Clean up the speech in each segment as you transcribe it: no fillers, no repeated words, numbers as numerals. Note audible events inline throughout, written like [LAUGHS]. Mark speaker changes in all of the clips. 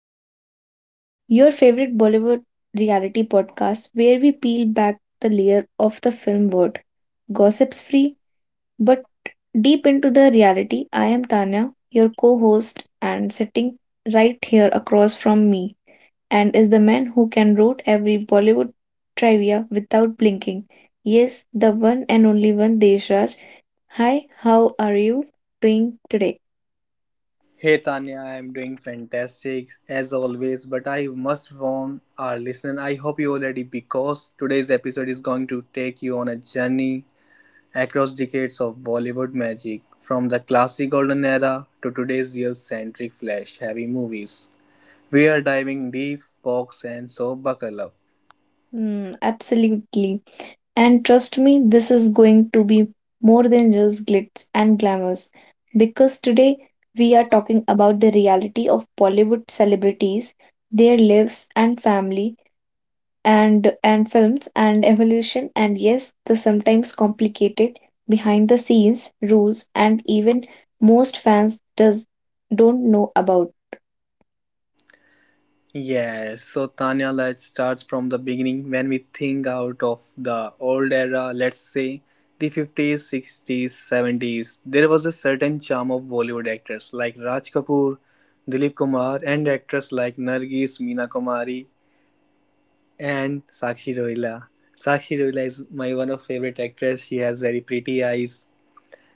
Speaker 1: Glitter, your favorite Bollywood reality podcast where we peel back the layer of the film world. Gossips free, but deep into the reality. I am Tanya, your co host, and sitting right here across from me and is the man who can root every Bollywood trivia without blinking. Yes, the one and only one Deshraj. Hi, how are you doing today?
Speaker 2: Hey Tanya, I'm doing fantastic as always, but I must warn our listener. I hope you already because today's episode is going to take you on a journey across decades of Bollywood magic, from the classic golden era to today's real centric flash heavy movies. We are diving deep, folks, and so buckle up.
Speaker 1: Absolutely. And trust me, this is going to be more than just glitz and glamours. Because today we are talking about the reality of Bollywood celebrities, their lives and family and films and evolution and yes, the sometimes complicated behind the scenes rules and even most fans does don't know about.
Speaker 2: Yes, so Tanya, let's start from the beginning. When we think out of the old era, let's say the 50s, 60s, 70s, there was a certain charm of Bollywood actors like Raj Kapoor, Dilip Kumar, and actors like Nargis, Meena Kumari, and Sakshi Roila. Sakshi Roila is my one of favorite actress. She has very pretty eyes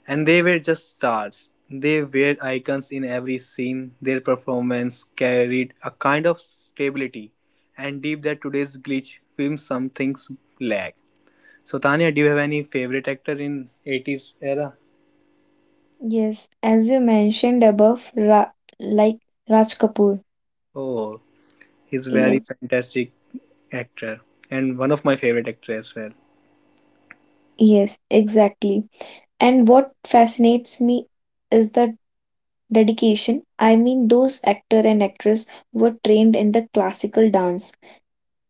Speaker 2: and they were just stars. They were icons in every scene. Their performance carried a kind of stability and deep that today's glitch film some things lack. So Tanya, do you have any favorite actor in 80s era?
Speaker 1: Yes, as you mentioned above, Ra like Raj Kapoor.
Speaker 2: Oh, he's very
Speaker 1: Yes.
Speaker 2: fantastic actor and one of my favorite actor as well.
Speaker 1: Yes, exactly. And what fascinates me is the dedication. I mean, those actor and actress were trained in the classical dance,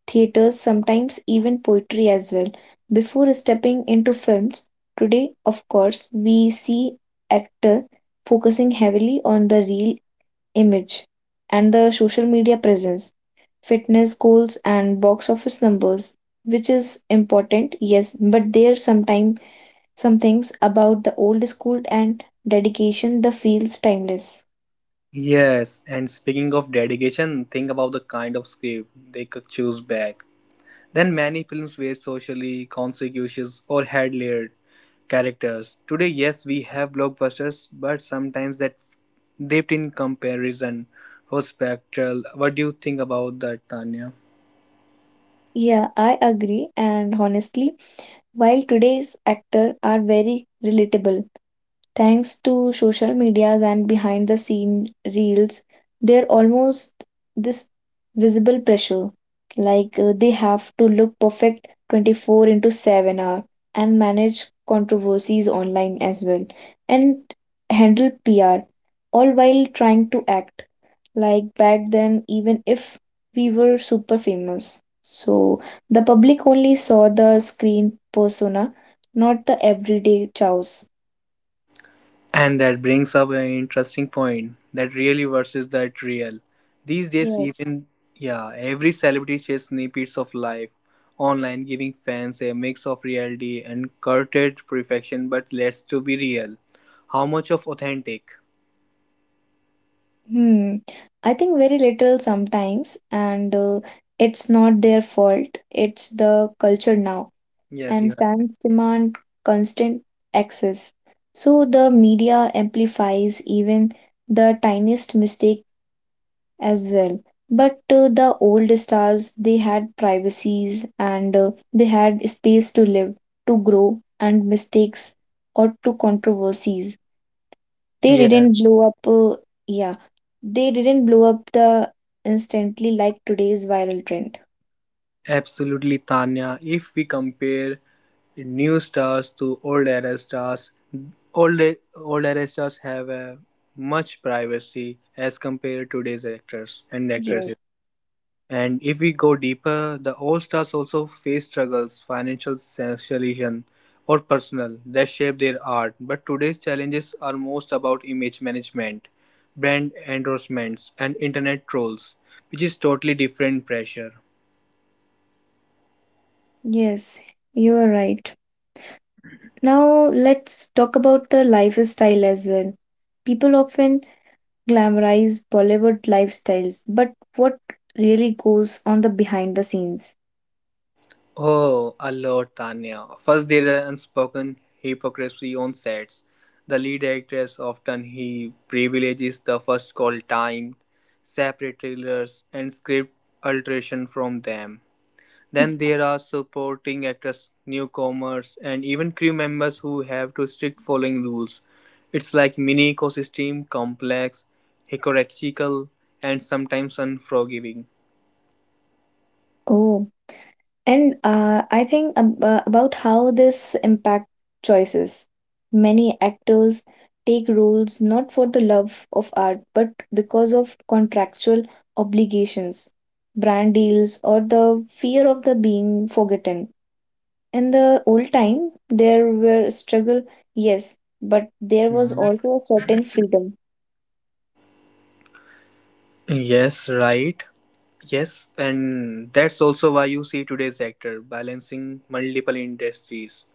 Speaker 1: theaters, sometimes even poetry as well, before stepping into films. Today, of course, we see actor focusing heavily on the real image and the social media presence, fitness goals and box office numbers, which is important, yes, but there sometimes some things about the old school and dedication that feels timeless.
Speaker 2: Yes, and speaking of dedication, think about the kind of script they could choose back. Then many films were socially conscious or had layered characters. Today, yes, we have blockbusters, but sometimes that dipped in comparison for spectral. What do you think about that, Tanya?
Speaker 1: Yeah, I agree. And honestly, while today's actors are very relatable, thanks to social medias and behind the scene reels, they're almost this visible pressure. They have to look perfect 24 into 7 hour and manage controversies online as well and handle PR all while trying to act like back then even if we were super famous, so the public only saw the screen persona, not the everyday chows.
Speaker 2: And that brings up an interesting point that really versus that real. These days,
Speaker 1: Yes.
Speaker 2: even yeah, every celebrity shares snippets of life online, giving fans a mix of reality and curated perfection. But let's to be real, how much of authentic?
Speaker 1: hmm I think very little sometimes, and it's not their fault, it's the culture now.
Speaker 2: Yes, you
Speaker 1: And
Speaker 2: are.
Speaker 1: fans demand constant access, so the media amplifies even the tiniest mistake as well. But the old stars, they had privacies, and they had space to live, to grow, and mistakes or to controversies. They
Speaker 2: Yeah,
Speaker 1: didn't blow up, Yeah, they didn't blow up the instantly like today's viral trend.
Speaker 2: absolutely, Tanya. If we compare new stars to old era stars, old old era stars have a much privacy as compared to today's actors and
Speaker 1: Yes,
Speaker 2: actresses. And if we go deeper, the old stars also face struggles, financial socialization, or personal that shape their art. But today's challenges are most about image management, brand endorsements, and internet trolls, which is totally different pressure.
Speaker 1: yes, you are right. Now let's talk about the lifestyle as well. People often glamorize Bollywood lifestyles, but what really goes on the behind the scenes?
Speaker 2: Oh, a lot, Tanya. First, there are unspoken hypocrisy on sets. The lead actress often he privileges the first call time, separate trailers, and script alteration from them. Then there are supporting actors, newcomers, and even crew members who have to strict following rules. It's like mini ecosystem, complex, hierarchical, and sometimes unforgiving.
Speaker 1: Oh, and I think ab about how this impact choices. Many actors take roles not for the love of art, but because of contractual obligations, brand deals, or the fear of the being forgotten. In the old time, there were struggle, yes, but there was
Speaker 2: Mhm.
Speaker 1: also a certain freedom.
Speaker 2: Yes, right. Yes, and that's also why you see today's actor balancing multiple industries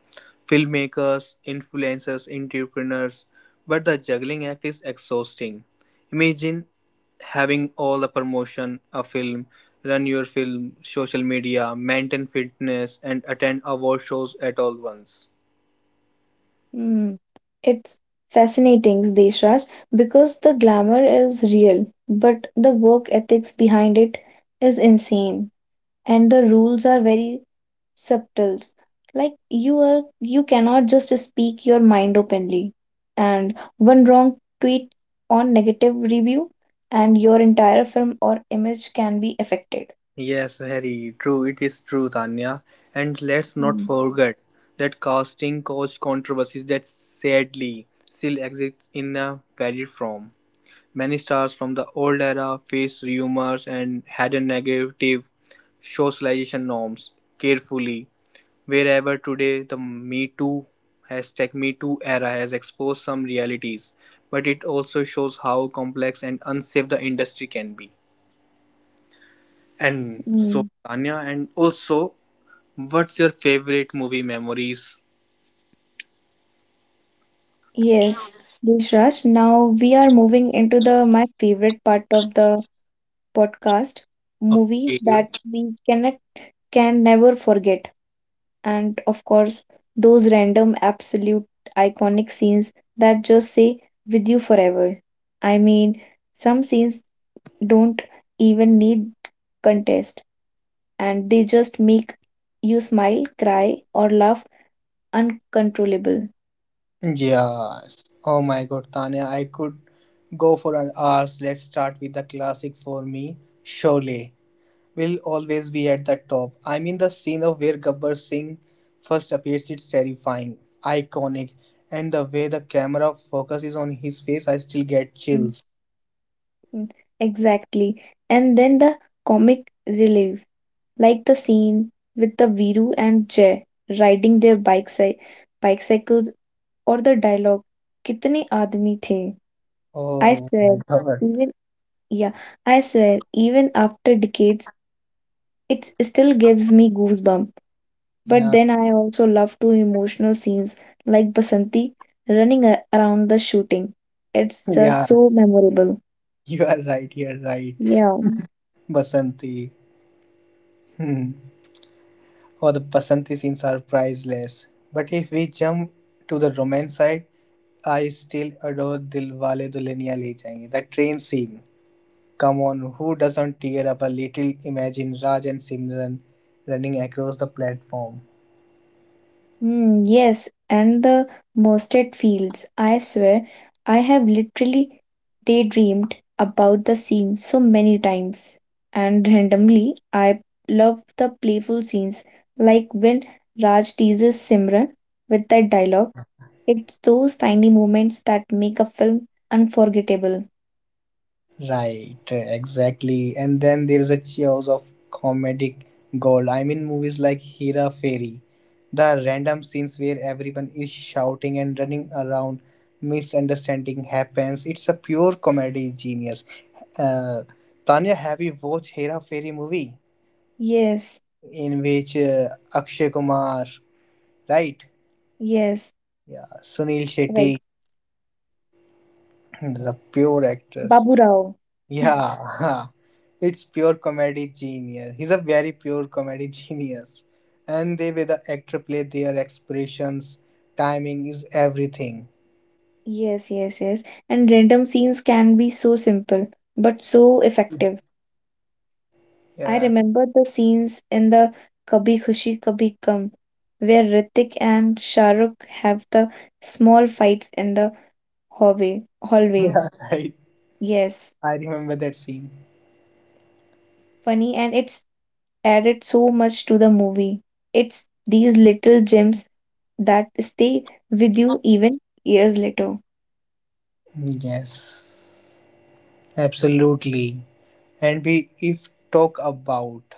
Speaker 2: filmmakers, influencers, entrepreneurs, but the juggling act is exhausting. Imagine having all the promotion, a film, run your film, social media, maintain fitness, and attend award shows at all once.
Speaker 1: Hmm. It's fascinating, Deshraj, because the glamour is real, but the work ethics behind it is insane, and the rules are very subtle. Like you are, you cannot just speak your mind openly, and one wrong tweet on negative review, and your entire film or image can be affected.
Speaker 2: Yes, very true. It is true, Tanya. And let's not forget that casting couch controversies that sadly still exist in a varied form. Many stars from the old era faced rumors and had a negative socialization norms carefully. Wherever today the Me Too hashtag Me Too era has exposed some realities, but it also shows how complex and unsafe the industry can be. And so,
Speaker 1: Mm,
Speaker 2: Tanya, and also, what's your favorite movie memories?
Speaker 1: Yes, Raj. Now we are moving into the my favorite part of the podcast, movie
Speaker 2: Okay.
Speaker 1: that we can never forget, and of course those random, absolute, iconic scenes that just say with you forever. I mean, some scenes don't even need contest, and they just make you smile, cry, or laugh uncontrollable.
Speaker 2: Yes. Oh my god, Tanya, I could go for an hours. Let's start with the classic for me. Sholay will always be at the top. I mean, the scene of where Gabbar Singh first appears, it's terrifying, iconic, and the way the camera focuses on his face, I still get
Speaker 1: Hmm.
Speaker 2: chills.
Speaker 1: Mm, Exactly. And then the comic relief, like the scene with the Viru and Jay riding their bikes, bicycles, or the dialogue, "Kitne aadmi the?" I
Speaker 2: Oh my
Speaker 1: swear,
Speaker 2: god.
Speaker 1: even yeah, I swear, even after decades, it still gives me goosebump. But
Speaker 2: Yeah.
Speaker 1: then I also love to emotional scenes like Basanti around the shooting. It's
Speaker 2: [LAUGHS]
Speaker 1: just
Speaker 2: Yeah.
Speaker 1: so memorable.
Speaker 2: You are right. You're right.
Speaker 1: Yeah.
Speaker 2: Basanti. Hmm. Oh, the Basanti scenes are priceless. But if we jump to the romance side, I still adore Dilwale Dulhaniya Le Jayenge. That train scene. Come on, who doesn't tear up a little? Imagine Raj and Simran running across the platform.
Speaker 1: Yes, and the mustard fields. I swear, I have literally daydreamed about the scene so many times. And randomly, I love the playful scenes, like when Raj teases Simran with that dialogue. It's those tiny moments that make a film unforgettable.
Speaker 2: Right, exactly. And then there is a chaos of comedic gold. I mean, movies like Hera Fairy, the random scenes where everyone is shouting and running around, misunderstanding happens. It's a pure comedy genius. Uh, Tanya, have you watched Hera Fairy movie
Speaker 1: Yes,
Speaker 2: in which Akshay Kumar, right?
Speaker 1: yes,
Speaker 2: Yeah, Sunil
Speaker 1: right.
Speaker 2: Shetty, the pure actors.
Speaker 1: Babu Rao.
Speaker 2: Yeah, [LAUGHS] it's pure comedy genius. He's a very pure comedy [LAUGHS] genius. And the way the actor play their expressions, timing is everything.
Speaker 1: Yes, yes, yes. And random scenes can be so simple, but so effective. I
Speaker 2: Yeah,
Speaker 1: remember the scenes in the Kabhi Khushi Kabhi Gham where Ritik and Shah Rukh have the small fights in the hallway.
Speaker 2: [LAUGHS]
Speaker 1: Hallway.
Speaker 2: yeah, right.
Speaker 1: Yes,
Speaker 2: I remember that scene.
Speaker 1: funny and it's added so much to the movie. It's these little gems that stay with you even years later.
Speaker 2: Yes, absolutely. And we if talk about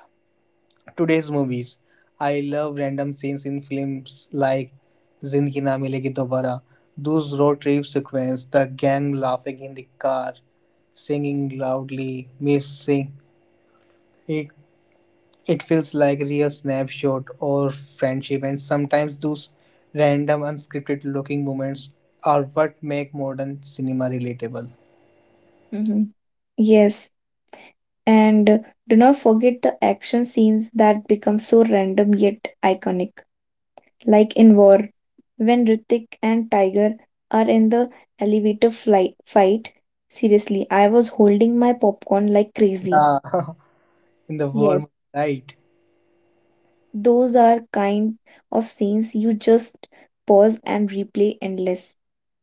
Speaker 2: today's movies. I love random scenes in films like Zindagi Na Milegi Dobara, those road trip sequences, the gang laughing in the car, singing loudly, missing it. It feels like real snapshot or friendship, and sometimes those random unscripted looking moments are what make modern cinema relatable.
Speaker 1: Mhm. Yes, and do not forget the action scenes that become so random yet iconic, like in War when Ritik and Tiger are in the elevator flight fight, seriously, I was holding my popcorn like crazy.
Speaker 2: Yeah, [LAUGHS] in the
Speaker 1: Yes,
Speaker 2: war, right?
Speaker 1: those are kind of scenes you just pause and replay endless.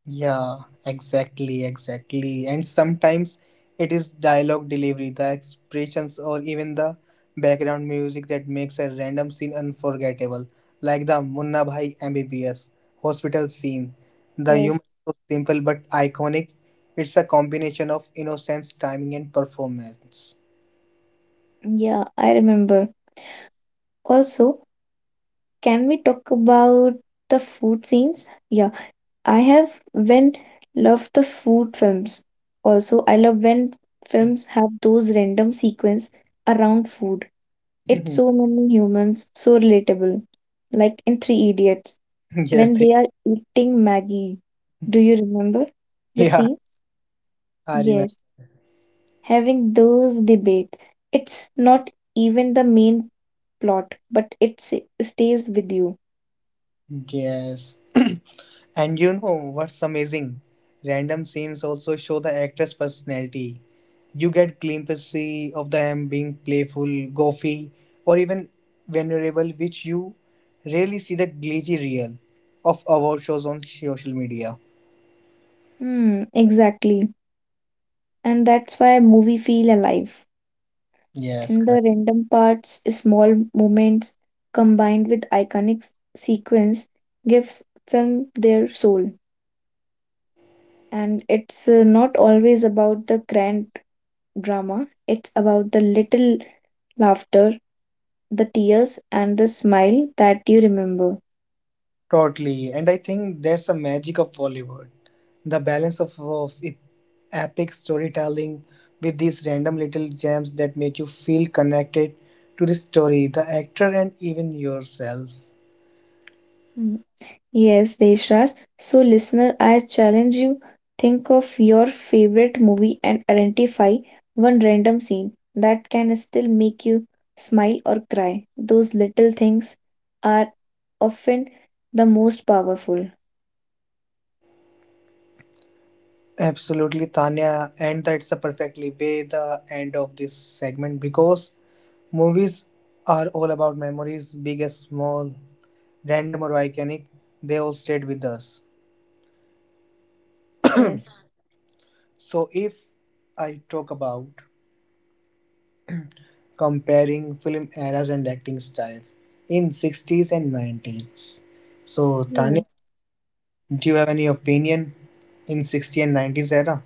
Speaker 2: Yeah, exactly, exactly. And sometimes it is dialogue delivery, the expressions, or even the background music that makes a random scene unforgettable, like the Munna Bhai MBBS hospital scene. The
Speaker 1: Yes,
Speaker 2: humor is so simple but iconic. It's a combination of innocence, timing, and performance.
Speaker 1: yeah, I remember. Also, can we talk about the food scenes? Yeah, I have when love the food films. Also, I love when
Speaker 2: [LAUGHS] yes,
Speaker 1: films have those random sequence around food. It's so many humans, so relatable. Like in Three Idiots, when
Speaker 2: three.
Speaker 1: they are eating Maggie. Do you remember the
Speaker 2: Yeah,
Speaker 1: scene?
Speaker 2: I remember.
Speaker 1: Yes, having those debates. It's not even the main plot, but stays with you.
Speaker 2: Yes. [CLEARS THROAT] And you know what's amazing? Random scenes also show the actor's personality. You get glimpses of them being playful, goofy, or even vulnerable, which you rarely see the glitchy reel of award shows on social media.
Speaker 1: Hmm, exactly. And that's why movie feel alive.
Speaker 2: Yes,
Speaker 1: And the random parts, small moments combined with sequence gives film their soul. And it's not always about the grand drama, it's about the little laughter, the tears and the smile that you remember.
Speaker 2: totally, and I think that's the magic of Bollywood. The balance of, of epic storytelling with these random little gems that make you feel connected to the story, the actor, and even yourself.
Speaker 1: Mm. Yes, Deshraj. So listener, I challenge you, think of your favorite movie and identify one random scene that can still make you smile or cry. Those little things are often the most powerful.
Speaker 2: Absolutely, Tanya, and that's a perfectly way the end of this segment because movies are all about memories, big as small, random or iconic, they all stayed with us.
Speaker 1: Yes,
Speaker 2: So, if I talk about comparing film eras and acting styles in 60s and 90s. So, Tanya,
Speaker 1: yes.
Speaker 2: do you have any opinion in 60s and 90s era?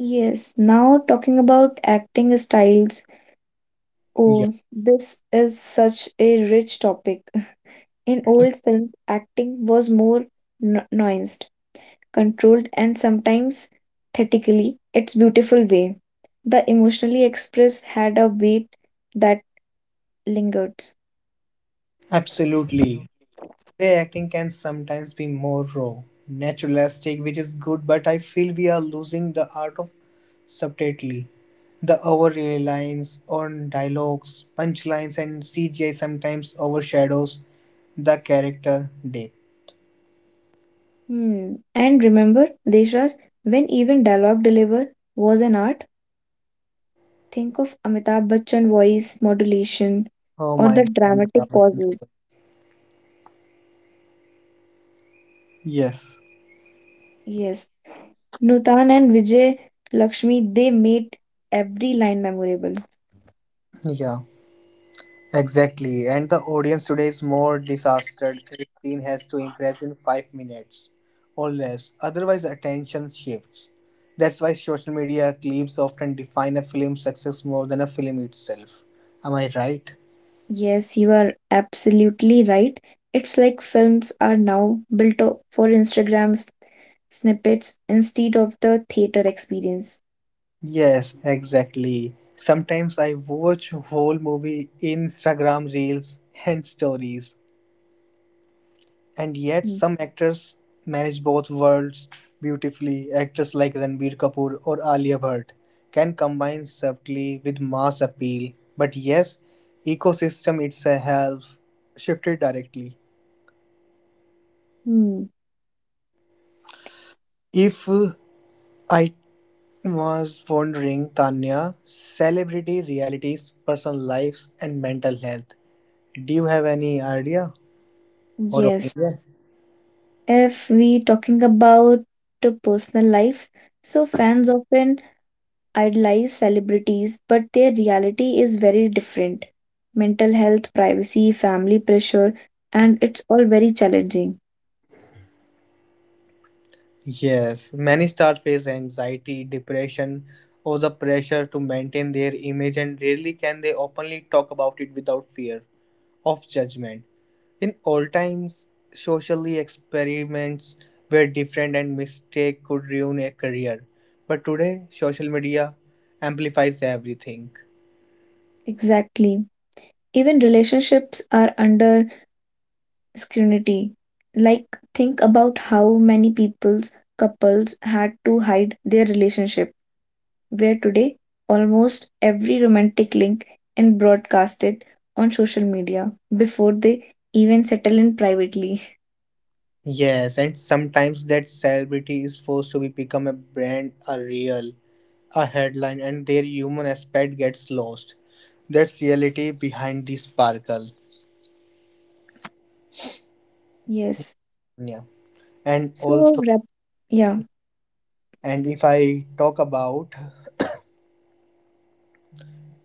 Speaker 1: Yes, now talking about acting styles.
Speaker 2: Yeah,
Speaker 1: Oh, this is such a rich topic. In old films, acting was more nuanced, controlled, and sometimes theatrically its beautiful way. The emotionally expressed had a weight that lingered.
Speaker 2: absolutely. Today, acting can sometimes be more raw, naturalistic, which is good, but I feel we are losing the art of subtlety. The over reliance on dialogues, punchlines, and CGI sometimes overshadows the character depth.
Speaker 1: Hmm. And remember, Deshraj, when even dialogue deliver was an art, think of Amitabh Bachchan voice modulation
Speaker 2: Oh
Speaker 1: or
Speaker 2: my
Speaker 1: the
Speaker 2: god, Amitabh
Speaker 1: dramatic
Speaker 2: Bachchan's
Speaker 1: pauses.
Speaker 2: voice. Yes.
Speaker 1: Yes, Nutan and Vijay Lakshmi, they made every line memorable.
Speaker 2: Yeah, exactly. And the audience today is more disastered if scene has to impress in 5 minutes or less. Otherwise, attention shifts. That's why social media clips often define a film's success more than a film itself. Am I right?
Speaker 1: Yes, you are absolutely right. It's like films are now built for snippets instead of the theater experience.
Speaker 2: Yes, exactly. Sometimes I watch whole movie Instagram reels and stories. And yet, some actors manage both worlds beautifully. Actors like Ranbir Kapoor or Alia Bhatt can combine subtlety with mass appeal. But yes, ecosystem itself shifted directly.
Speaker 1: Hmm.
Speaker 2: If I was wondering, Tanya, celebrity realities, personal lives, and mental health. Do you have any idea or
Speaker 1: Yes,
Speaker 2: opinion?
Speaker 1: if we talking about the personal lives, so fans often idolize celebrities, but their reality is very different. Mental health, privacy, family pressure, and it's all very challenging.
Speaker 2: Yes, many stars face anxiety, depression, or the pressure to maintain their image, and rarely can they openly talk about it without fear of judgment. In old times, socially experiments were different and mistake could ruin a career. But today, social media amplifies everything.
Speaker 1: Exactly. Even relationships are under scrutiny. Like, think about how many people's couples had to hide their relationship, where today almost every romantic link is broadcasted on social media before they even settle in privately. [LAUGHS]
Speaker 2: Yes, and sometimes that celebrity is forced to be become a brand, a real. A headline and their human aspect gets lost. That's reality behind the sparkle.
Speaker 1: Yes.
Speaker 2: Yeah. And
Speaker 1: So,
Speaker 2: also
Speaker 1: wrap- yeah.
Speaker 2: and if I talk about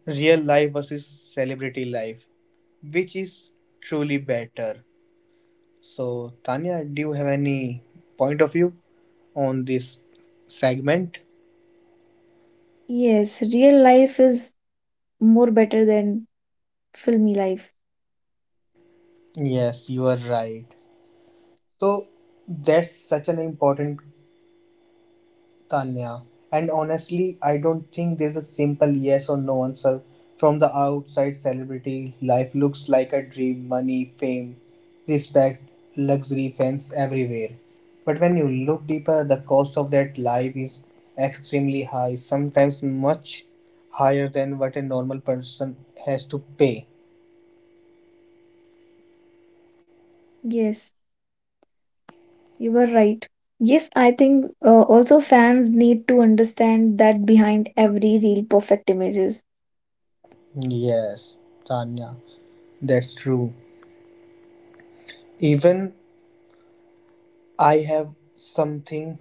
Speaker 2: real life versus celebrity life, which is truly better. So Tanya, do you have any point of view on this segment?
Speaker 1: Yes, real life is more better than filmy life.
Speaker 2: Yes, you are right. So that's such an important Tanya. And honestly, I don't think there's a simple yes or no answer. From the outside, celebrity life looks like a dream money, fame, respect, luxury, fans everywhere. But when you look deeper, the cost of that life is extremely high, sometimes much higher than what a normal person has to pay.
Speaker 1: Yes. You were right. Yes, I think also fans need to understand that behind every real perfect images.
Speaker 2: Yes, Tanya, that's true. Even I have something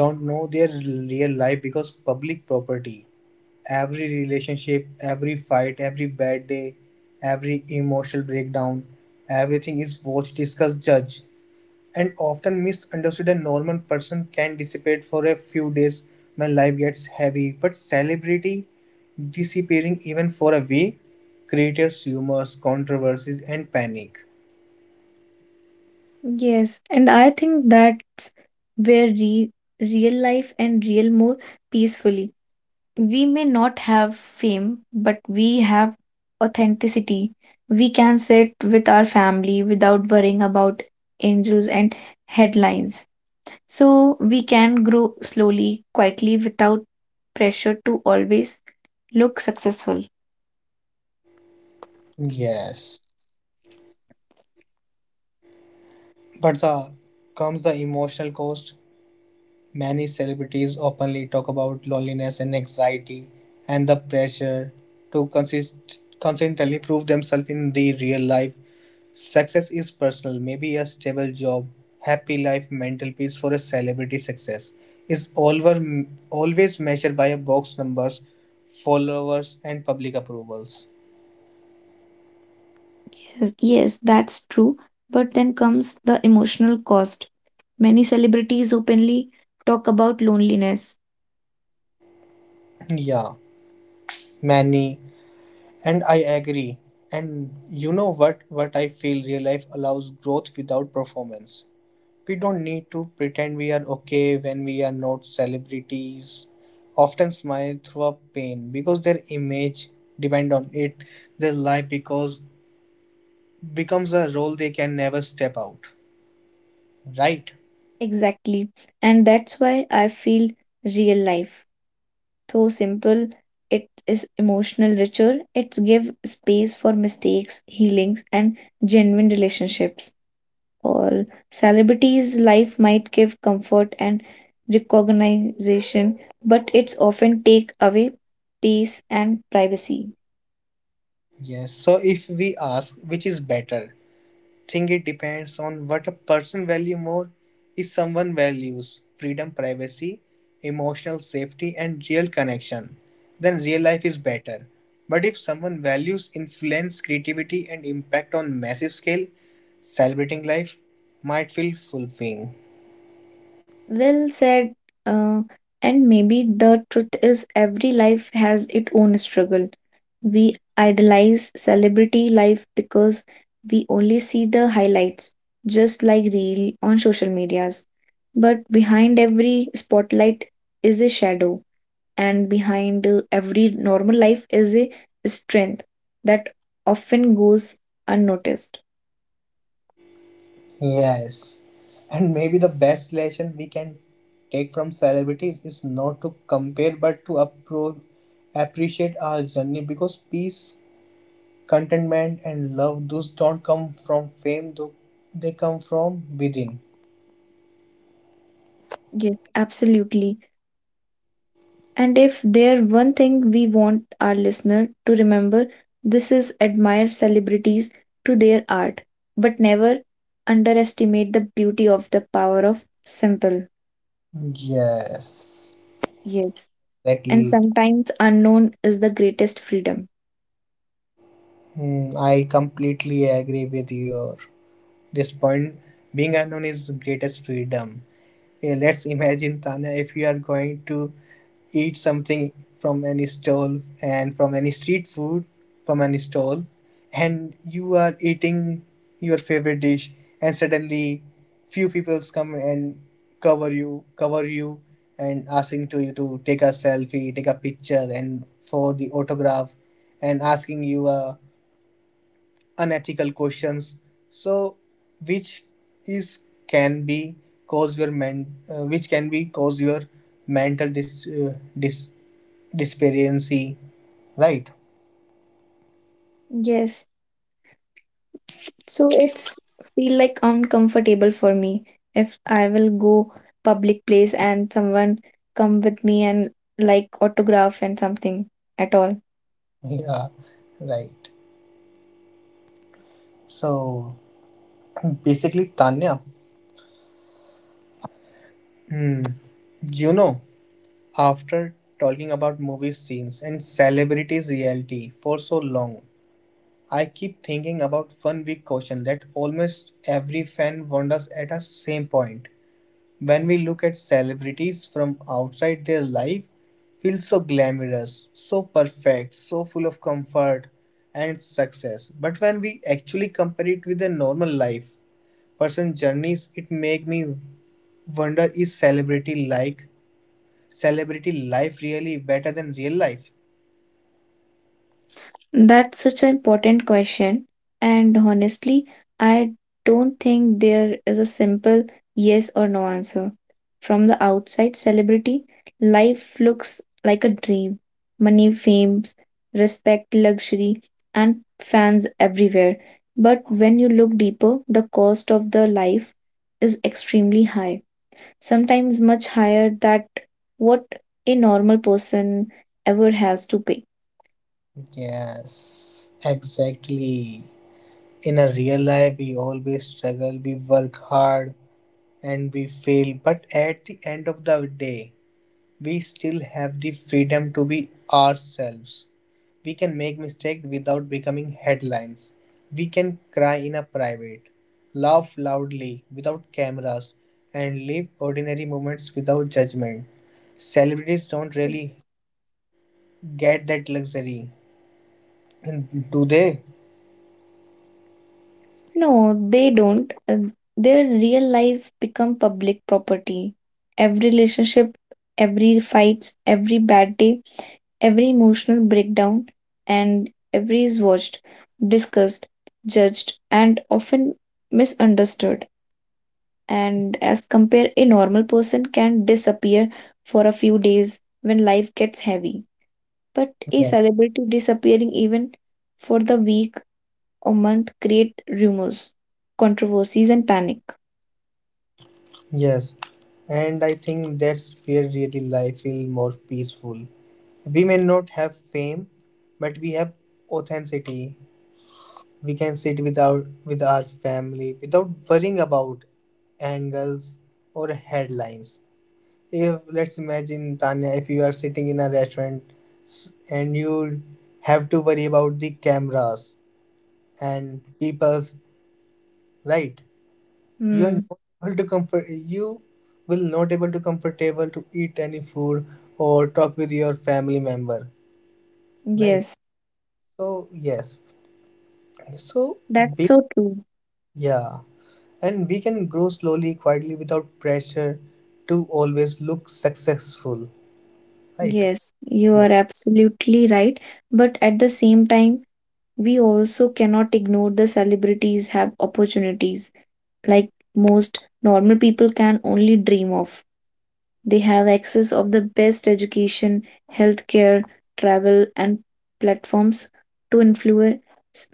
Speaker 2: don't know their real life because public property, every relationship, every fight, every bad day, every emotional breakdown, everything is watched, discussed, judged, and often misunderstood. A normal person can dissipate for a few days when life gets heavy, but celebrity disappearing even for a week creates rumors, controversies, and panic.
Speaker 1: Yes, and I think that's where real life and real more peacefully. We may not have fame, but we have authenticity. We can sit with our family without worrying about angels and headlines. So we can grow slowly, quietly, without pressure to always look successful.
Speaker 2: Yes, but the comes the emotional cost. Many celebrities openly talk about loneliness and anxiety and the pressure to consistently prove themselves in the real life. Success is personal, maybe a stable job, happy life, mental peace for a celebrity success is always measured by a box numbers, followers and public approvals.
Speaker 1: Yes, yes, that's true. But then comes the emotional cost. Many celebrities openly talk about loneliness.
Speaker 2: Yeah, many and I agree. And you know what I feel real life allows growth without performance. We don't need to pretend we are okay when we are not. Celebrities often smile through a pain because their image depend on it. Their life because becomes a role they can never step out. Right?
Speaker 1: Exactly. And that's why I feel real life, though simple, it is emotional richer. It's give space for mistakes, healings, and genuine relationships. All celebrities' life might give comfort and recognition, but it's often take away peace and privacy.
Speaker 2: Yes. So if we ask which is better, think it depends on what a person value more. If someone values freedom, privacy, emotional safety, and real connection, then real life is better. But if someone values influence, creativity, and impact on massive scale, celebrating life might feel fulfilling.
Speaker 1: Well said. Uh, and maybe the truth is every life has its own struggle. We idolize celebrity life because we only see the highlights, just like reel on social medias. But behind every spotlight is a shadow, and behind every normal life is a strength that often goes unnoticed.
Speaker 2: Yes, and maybe the best lesson we can take from celebrities is not to compare but to appreciate our journey because peace, contentment, and love, those don't come from fame, though they come from within.
Speaker 1: Yes, absolutely. And if there one thing we want our listener to remember, this is admire celebrities to their art, but never underestimate the beauty of the power of simple.
Speaker 2: Yes,
Speaker 1: Yes. And
Speaker 2: exactly.
Speaker 1: sometimes unknown is the greatest freedom.
Speaker 2: Hmm, I completely agree with your this point. Being unknown is greatest freedom. Yeah, let's imagine, Tanya, if you are going to eat something from any stall and from any street food from any stall, and you are eating your favorite dish, and suddenly few people come and cover you, and asking to you to take a selfie, take a picture, and for the autograph, and asking you a unethical questions so which is can be cause your men which can be cause your mental disparity, right?
Speaker 1: Yes. So it's feel like uncomfortable for me if I will go public place and someone come with me and like autograph and something at all.
Speaker 2: Yeah, right. So basically, Tanya, hmm, you know, after talking about movie scenes and celebrities reality for so long, I keep thinking about one big question that almost every fan wonders at a same point. When we look at celebrities from outside, their life feels so glamorous, so perfect, so full of comfort and success. But when we actually compare it with a normal life, person journeys, it make me wonder, is celebrity life really better than real life?
Speaker 1: That's such an important question. And honestly, I don't think there is a simple yes or no answer. From the outside, celebrity life looks like a dream. Money, fame, respect, luxury, and fans everywhere. But when you look deeper, the cost of the life is extremely high. Sometimes much higher than what a normal person ever has to pay.
Speaker 2: Yes, exactly. In a real life, we always struggle, we work hard, and we fail. But at the end of the day, we still have the freedom to be ourselves. We can make mistakes without becoming headlines. We can cry in a private, laugh loudly without cameras, and live ordinary moments without judgment. Celebrities don't really get that luxury, do they?
Speaker 1: No, they don't. Their real life become public property. Every relationship, every fights, every bad day, every emotional breakdown, and every is watched, discussed, judged, and often misunderstood. And as compare, a normal person can disappear for a few days when life gets heavy. But a
Speaker 2: Yes.
Speaker 1: celebrity disappearing even for the week a month create rumors, controversies, and panic.
Speaker 2: Yes. And I think that's where really life feels more peaceful. We may not have fame, but we have authenticity. We can sit without with our family without worrying about angles or headlines. If let's imagine, Tanya, if you are sitting in a restaurant and you have to worry about the cameras and people's, right, you are
Speaker 1: Hmm.
Speaker 2: not able to comfort. You will not able to comfortable to eat any food or talk with your family member, right?
Speaker 1: Yes,
Speaker 2: So yes, so
Speaker 1: that's
Speaker 2: be
Speaker 1: so true.
Speaker 2: yeah. And we can grow slowly, quietly, without pressure to always look successful, right?
Speaker 1: Yes, you
Speaker 2: Yeah.
Speaker 1: are absolutely right. But at the same time, we also cannot ignore the celebrities have opportunities like most normal people can only dream of. They have access of the best education, healthcare, travel and platforms to influence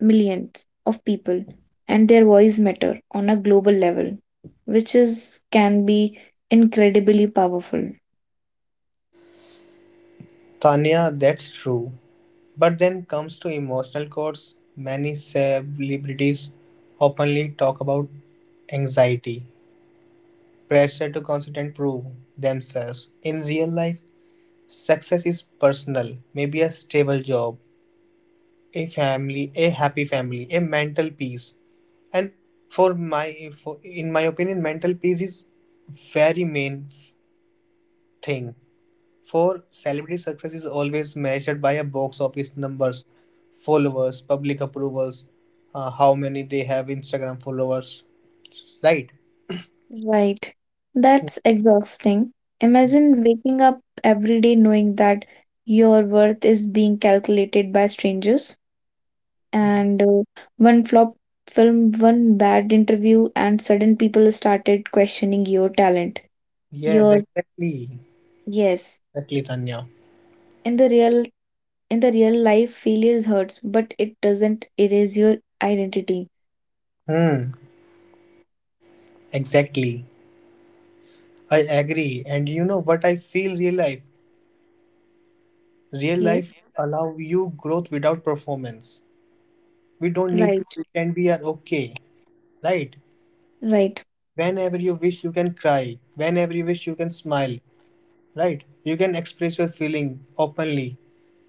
Speaker 1: millions of people and their voice matter on a global level, which is can be incredibly powerful.
Speaker 2: Tanya, that's true. But then comes to emotional costs. Many celebrities openly talk about anxiety, pressure to constantly prove themselves. In real life, success is personal, maybe a stable job, a family, a happy family, a mental peace. And in my opinion, mental peace is very main thing. For celebrity success is always measured by a box office numbers, followers, public approvals, how many they have Instagram followers, right?
Speaker 1: Right.
Speaker 2: Mm.
Speaker 1: That's exhausting. Imagine waking up every day knowing that your worth is being calculated by strangers.
Speaker 2: y-
Speaker 1: And one flop film, one bad interview, and sudden people started questioning your talent.
Speaker 2: Yes,
Speaker 1: Your
Speaker 2: exactly,
Speaker 1: yes,
Speaker 2: exactly, Tanya.
Speaker 1: in the real life, failures hurts, but it doesn't erase your identity.
Speaker 2: Hmm, exactly. I agree. And you know what I feel real life? Real life
Speaker 1: Yes,
Speaker 2: allow you growth without performance. We don't need to
Speaker 1: right,
Speaker 2: pretend we are okay, right?
Speaker 1: right,
Speaker 2: Whenever you wish, you can cry. Whenever you wish, you can smile, right? You can express your feeling openly.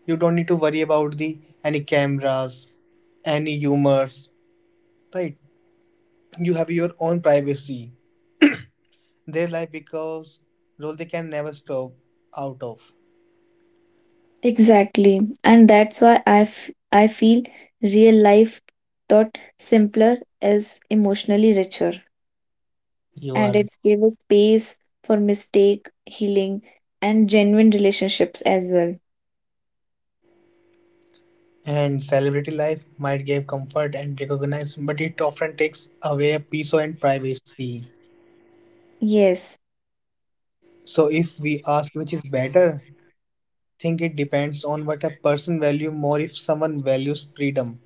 Speaker 2: You don't need to worry about the any cameras, any humors, right? You have your own privacy. Their life because role they can never stop out of.
Speaker 1: exactly, and that's why I feel real life thought simpler is emotionally richer,
Speaker 2: You
Speaker 1: and
Speaker 2: are.
Speaker 1: it gave us space for mistake, healing, and genuine relationships as well.
Speaker 2: And celebrity life might give comfort and recognition, but it often takes away peace and privacy.
Speaker 1: Yes,
Speaker 2: So if we ask which is better, think it depends on what a person value more, if someone values freedom,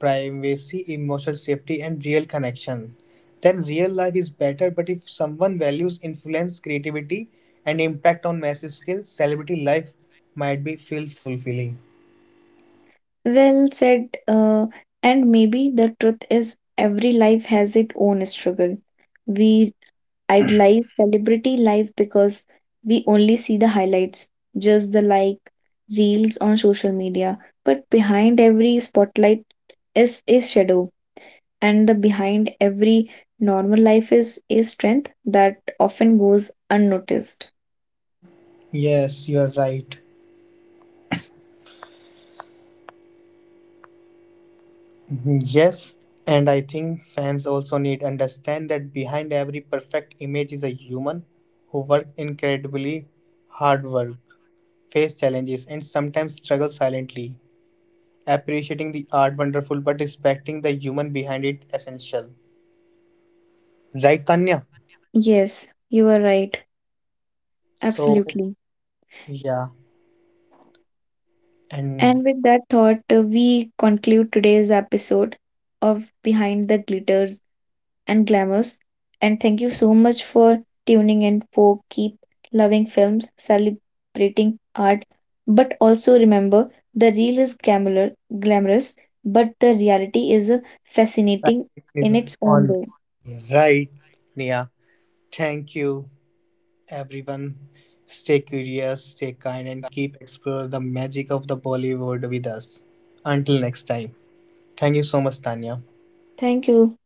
Speaker 2: privacy, emotional safety and real connection. Then real life is better, but if someone values influence, creativity and impact on massive scale, celebrity life might be feel fulfilling.
Speaker 1: well said. And maybe the truth is every life has its own struggle. We idolize celebrity life because we only see the highlights, just the like reels on social media. But behind every spotlight is a shadow, and the behind every normal life is a strength that often goes unnoticed.
Speaker 2: Yes, you are right. Yes, and I think fans also need understand that behind every perfect image is a human who work incredibly hard work, face challenges and sometimes struggle silently. Appreciating the art wonderful but respecting the human behind it essential. Right, Tanya?
Speaker 1: Yes, you are right.
Speaker 2: So
Speaker 1: Absolutely.
Speaker 2: yeah, and
Speaker 1: And with that thought, we conclude today's episode of Behind the Glitters and Glamours. And thank you so much for tuning in for keep loving films, celebrating art. But also remember, the real is glamorous, but the reality is fascinating
Speaker 2: fashion is
Speaker 1: in its own
Speaker 2: on,
Speaker 1: way.
Speaker 2: right, Nia. Thank you, everyone. Stay curious, stay kind, and keep exploring the magic of the Bollywood with us. Until next time. Thank you so much, Tanya.
Speaker 1: Thank you.